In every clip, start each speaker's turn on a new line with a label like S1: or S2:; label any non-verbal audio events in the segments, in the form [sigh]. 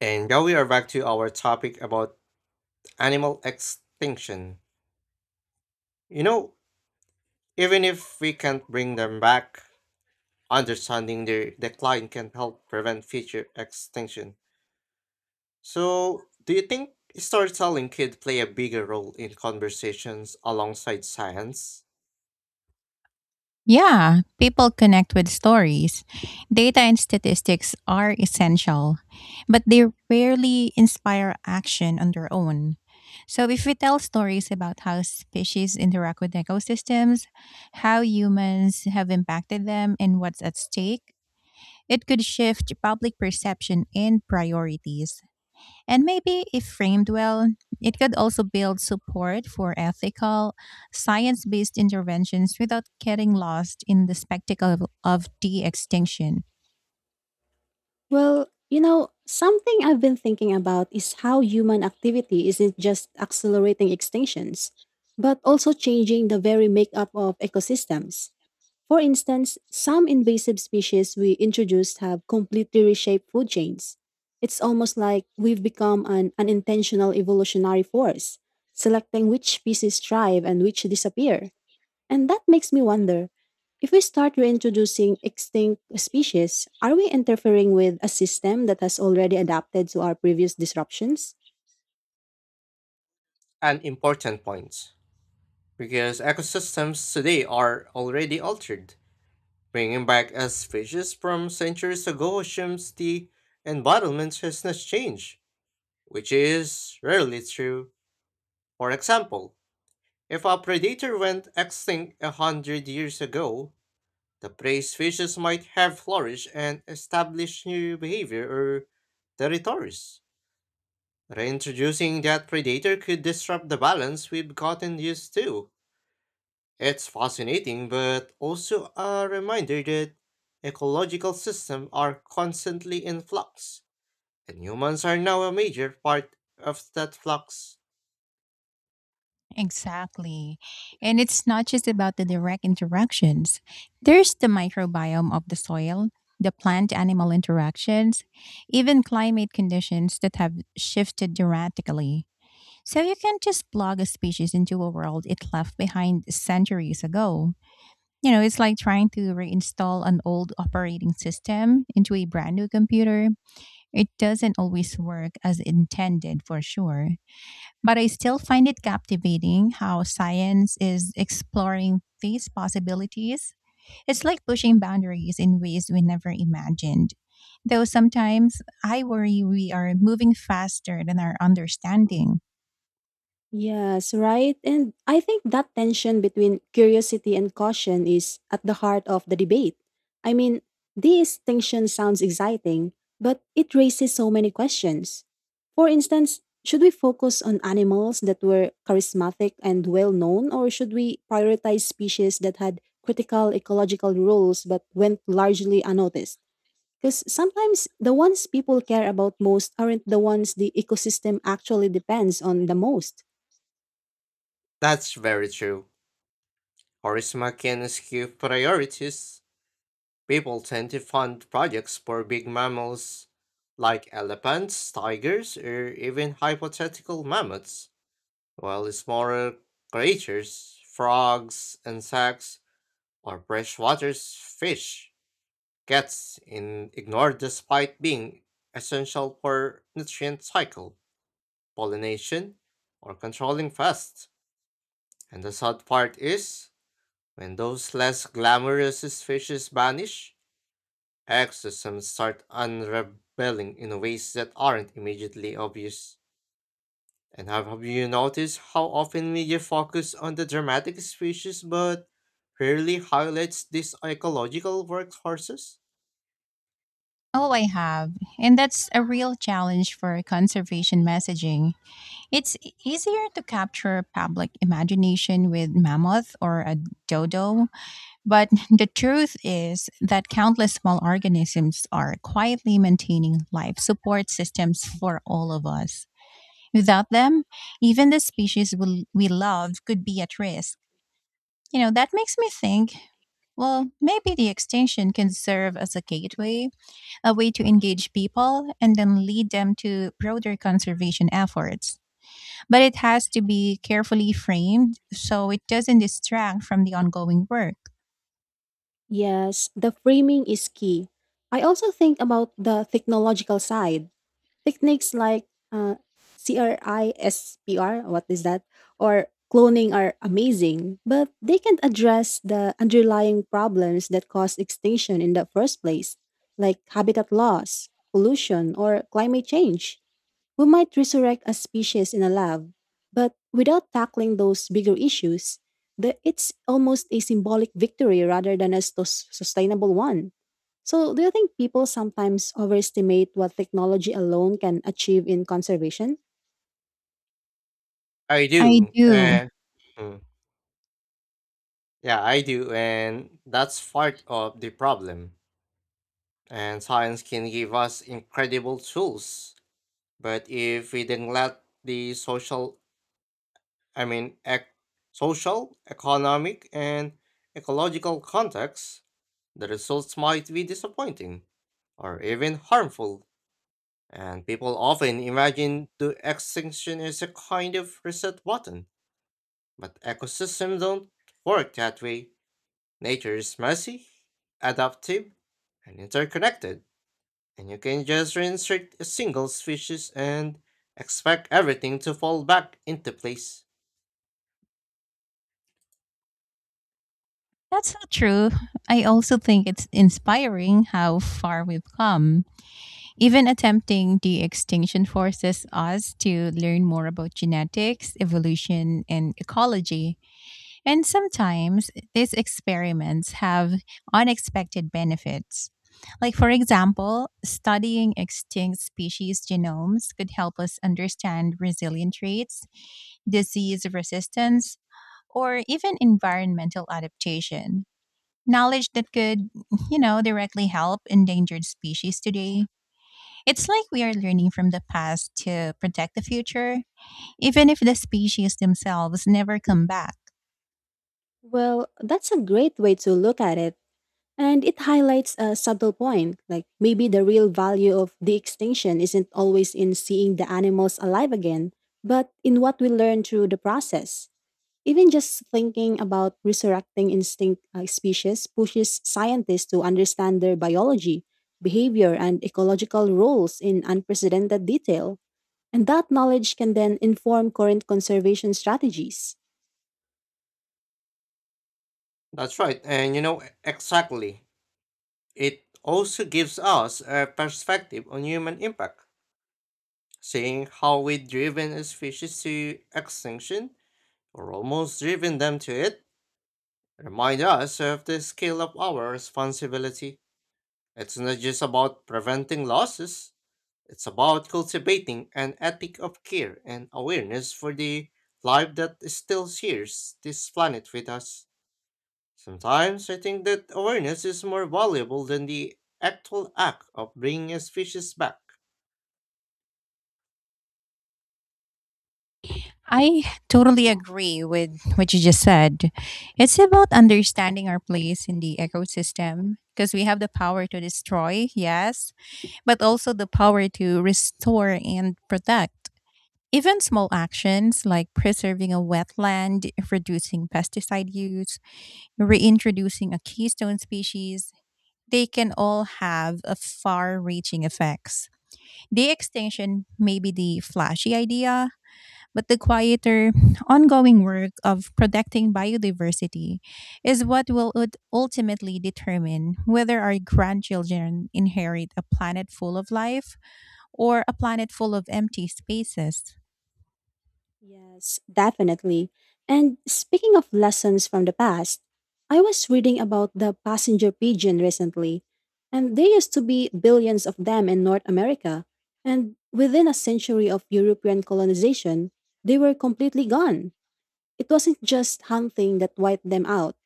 S1: And now we are back to our topic about animal extinction. You know, even if we can't bring them back, understanding their decline can help prevent future extinction. So, do you think storytelling could play a bigger role in conversations alongside science?
S2: Yeah, people connect with stories. Data and statistics are essential, but they rarely inspire action on their own. So, if we tell stories about how species interact with ecosystems, how humans have impacted them, and what's at stake, it could shift public perception and priorities. And maybe if framed well, it could also build support for ethical, science based interventions without getting lost in the spectacle of, de extinction.
S3: Well, you know, something I've been thinking about is how human activity isn't just accelerating extinctions, but also changing the very makeup of ecosystems. For instance, some invasive species we introduced have completely reshaped food chains. It's almost like we've become an unintentional evolutionary force, selecting which species thrive and which disappear. And that makes me wonder if we start reintroducing extinct species, are we interfering with a system that has already adapted to our previous disruptions?
S1: An important point, because ecosystems today are already altered. Bringing back a species from centuries ago assumes the environment has not changed which is rarely true. For example, if a predator went extinct 100 years ago, the prey species might have flourished and established new behavior or territories. Reintroducing that predator could disrupt the balance we've gotten used to. It's fascinating, but also a reminder that ecological systems are constantly in flux, and humans are now a major part of that flux.
S2: Exactly. And it's not just about the direct interactions, there's the microbiome of the soil, the plant animal interactions, even climate conditions that have shifted dramatically. So you can't just plug a species into a world it left behind centuries ago. You know, it's like trying to reinstall an old operating system into a brand new computer. It doesn't always work as intended for sure, but I still find it captivating how science is exploring these possibilities. It's like pushing boundaries in ways we never imagined. Though sometimes I worry we are moving faster than our understanding.
S3: Yes, right. And I think that tension between curiosity and caution is at the heart of the debate. I mean, this distinction sounds exciting, but it raises so many questions. For instance, should we focus on animals that were charismatic and well known, or should we prioritize species that had critical ecological roles but went largely unnoticed? Because sometimes the ones people care about most aren't the ones the ecosystem actually depends on the most.
S1: That's very true. Orisma can skew priorities. People tend to fund projects for big mammals like elephants, tigers, or even hypothetical mammoths, while smaller creatures, frogs, insects, or freshwater fish, gets in ignored despite being essential for nutrient cycle, pollination, or controlling pests. And the sad part is, when those less glamorous species vanish, ecosystems start unraveling in ways that aren't immediately obvious. And have you noticed how often media focus on the dramatic species but rarely highlights these ecological workhorses?
S2: Oh, I have. And that's a real challenge for conservation messaging. Easier to capture public imagination with mammoth or a dodo, but [laughs] the truth is that countless small organisms are quietly maintaining life support systems for all of us. Without them, even the species we love could be at risk. You know, that makes me think, well, maybe the extinction can serve as a gateway, a way to engage people and then lead them to broader conservation efforts, but it has to be carefully framed so it doesn't distract from the ongoing work.
S3: Yes, the framing is key. I also think about the technological side. Techniques like uh, CRISPR, what is that? Or cloning are amazing, but they can't address the underlying problems that caused extinction in the first place, like habitat loss, pollution, or climate change. We might resurrect a species in a lab, but without tackling those bigger issues, it's almost a symbolic victory rather than a sustainable one. So, do you think people sometimes overestimate what technology alone can achieve in conservation?
S1: I
S2: I
S1: do,
S2: do.
S1: and mm, yeah, I do, and that's part of the problem. And science can give us incredible tools, but if we neglect the social, I mean, social, economic, and ecological contexts, the results might be disappointing or even harmful, and people often imagine the extinction is a kind of reset button. But ecosystems don't work that way. Nature is messy, adaptive, and interconnected, and you can just reinsert a single species and expect everything to fall back into place.
S2: That's so true. I also think it's inspiring how far we've come. Even attempting de extinction forces us to learn more about genetics, evolution, and ecology. And sometimes these experiments have unexpected benefits. Like, for example, studying extinct species genomes could help us understand resilient traits, disease resistance, or even environmental adaptation. Knowledge that could, [laughs] you know, directly help endangered species today. It's like we are learning from the past to protect the future, even if the species themselves never come back.
S3: Well, that's a great way to look at it. And it highlights a subtle point like maybe the real value of de extinction isn't always in seeing the animals alive again, but in what we learn through the process. Even just thinking about resurrecting instinct species pushes scientists to understand their biology, behavior, and ecological roles in unprecedented detail. And that knowledge can then inform current conservation strategies.
S1: That's right, and you know exactly. It also gives us a perspective on human impact, seeing how we have driven a species to extinction or almost driven them to it. Remind us of the scale of our responsibility. It's not just about preventing losses, it's about cultivating an ethic of care and awareness for the life that still shares this planet with us. Sometimes I think that awareness is more valuable than the actual act of bringing a species back.
S2: I totally agree with what you just said. It's about understanding our place in the ecosystem because we have the power to destroy, yes, but also the power to restore and protect. Even small actions like preserving a wetland, reducing pesticide use, reintroducing a keystone species, they can all have a far reaching effects. The extinction may be the flashy idea, but the quieter, ongoing work of protecting biodiversity is what will ultimately determine whether our grandchildren inherit a planet full of life or a planet full of empty spaces.
S3: Yes, definitely. And speaking of lessons from the past, I was reading about the passenger pigeon recently, and there used to be billions of them in North America. And within a century of European colonization, they were completely gone. It wasn't just hunting that wiped them out,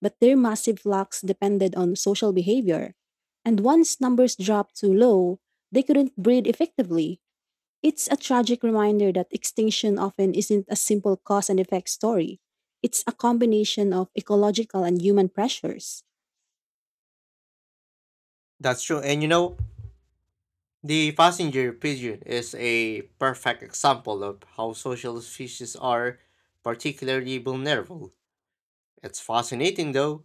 S3: but their massive flocks depended on social behavior. And once numbers dropped too low, they couldn't breed effectively. It's a tragic reminder that extinction often isn't a simple cause and effect story. It's a combination of ecological and human pressures.
S1: That's true, and you know, the passenger pigeon is a perfect example of how social species are particularly vulnerable. It's fascinating, though,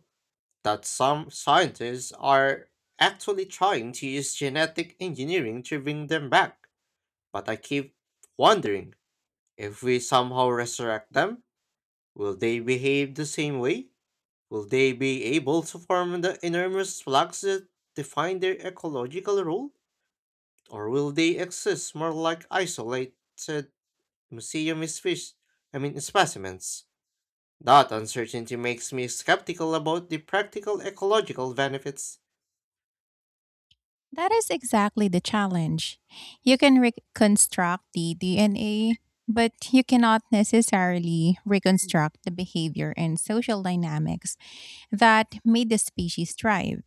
S1: that some scientists are actually trying to use genetic engineering to bring them back. But I keep wondering, if we somehow resurrect them, will they behave the same way? Will they be able to form the enormous flocks that define their ecological role? Or will they exist more like isolated museum fish, I mean specimens? That uncertainty makes me skeptical about the practical ecological benefits.
S2: That is exactly the challenge. You can reconstruct the DNA, but you cannot necessarily reconstruct the behavior and social dynamics that made the species thrive.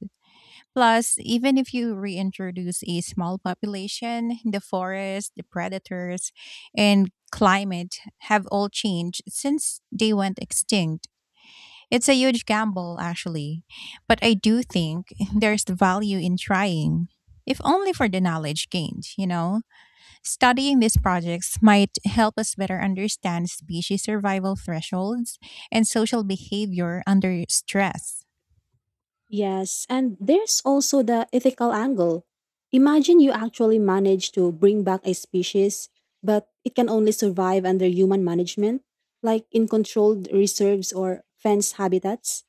S2: Plus, even if you reintroduce a small population, the forest, the predators, and climate have all changed since they went extinct. It's a huge gamble, actually, but I do think there's value in trying, if only for the knowledge gained, you know? Studying these projects might help us better understand species survival thresholds and social behavior under stress.
S3: Yes, and there's also the ethical angle. Imagine you actually manage to bring back a species, but it can only survive under human management, like in controlled reserves or fenced habitats.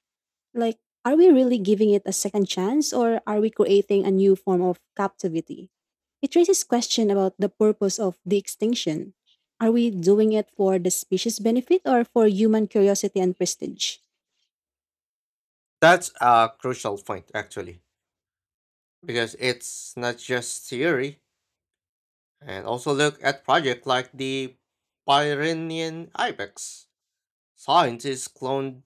S3: Like, are we really giving it a second chance or are we creating a new form of captivity? It raises question about the purpose of the extinction. Are we doing it for the species benefit or for human curiosity and prestige?
S1: That's a crucial point, actually, because it's not just theory, and also look at projects like the Pyrenean ibex. Scientists cloned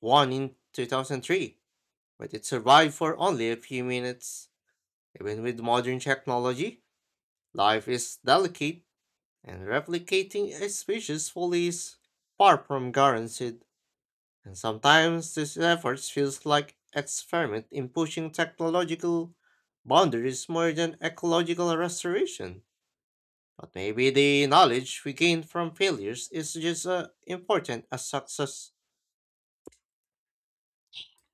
S1: one in 2003 but it survived for only a few minutes. Even with modern technology, life is delicate, and replicating a species fully is far from guaranteed. And sometimes this effort feels like experiment in pushing technological boundaries more than ecological restoration. But maybe the knowledge we gain from failures is just as important as success.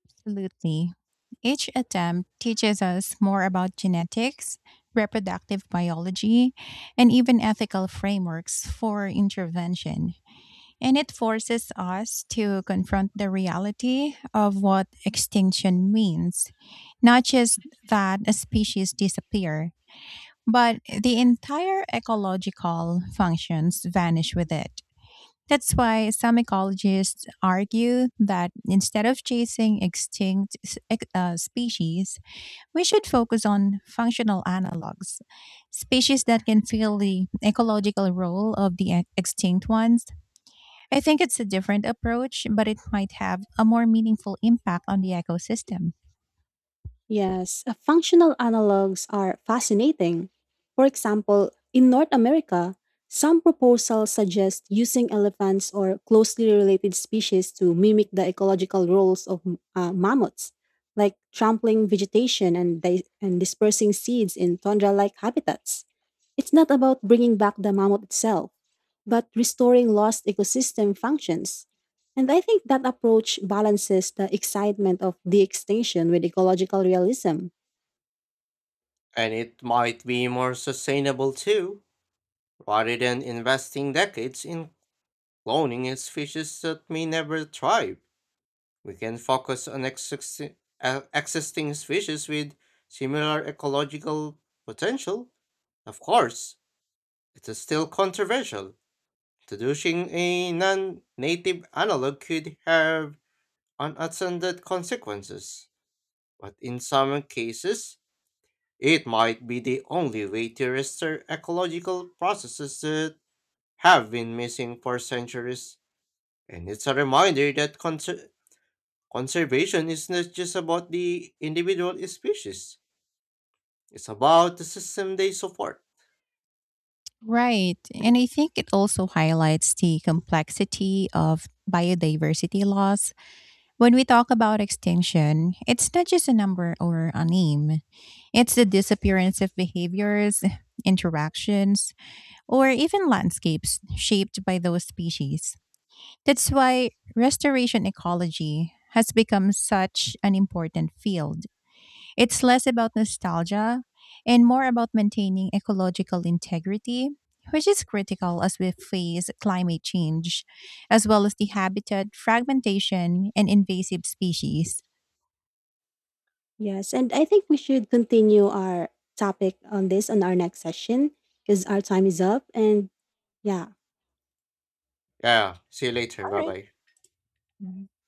S2: Absolutely. Each attempt teaches us more about genetics, reproductive biology, and even ethical frameworks for intervention. And it forces us to confront the reality of what extinction means, not just that a species disappear, but the entire ecological functions vanish with it. That's why some ecologists argue that instead of chasing species, we should focus on functional analogs, species that can fill the ecological role of the extinct ones. I think it's a different approach, but it might have a more meaningful impact on the ecosystem.
S3: Yes, functional analogs are fascinating. For example, in North America, some proposals suggest using elephants or closely related species to mimic the ecological roles of mammoths, like trampling vegetation and dispersing seeds in tundra like habitats. It's not about bringing back the mammoth itself, but restoring lost ecosystem functions. And I think that approach balances the excitement of de extinction with ecological realism.
S1: And it might be more sustainable too, rather than investing decades in cloning is species that may never thrive. We can focus on existing species with similar ecological potential. Of course, it is still controversial. Introducing a non native analog could have unintended consequences, but in some cases, it might be the only way to restore ecological processes that have been missing for centuries. And it's a reminder that conservation is not just about the individual species, it's about the system they support.
S2: Right. And I think it also highlights the complexity of biodiversity loss. When we talk about extinction, it's not just a number or a name, it's the disappearance of behaviors, interactions, or even landscapes shaped by those species. That's why restoration ecology has become such an important field. It's less about nostalgia and more about maintaining ecological integrity, which is critical as we face climate change, as well as the habitat fragmentation and invasive species.
S3: Yes, and I think we should continue our topic on this on our next session because our time is up. And yeah,
S1: Yeah, see you later. Bye
S2: All
S1: bye.
S2: right.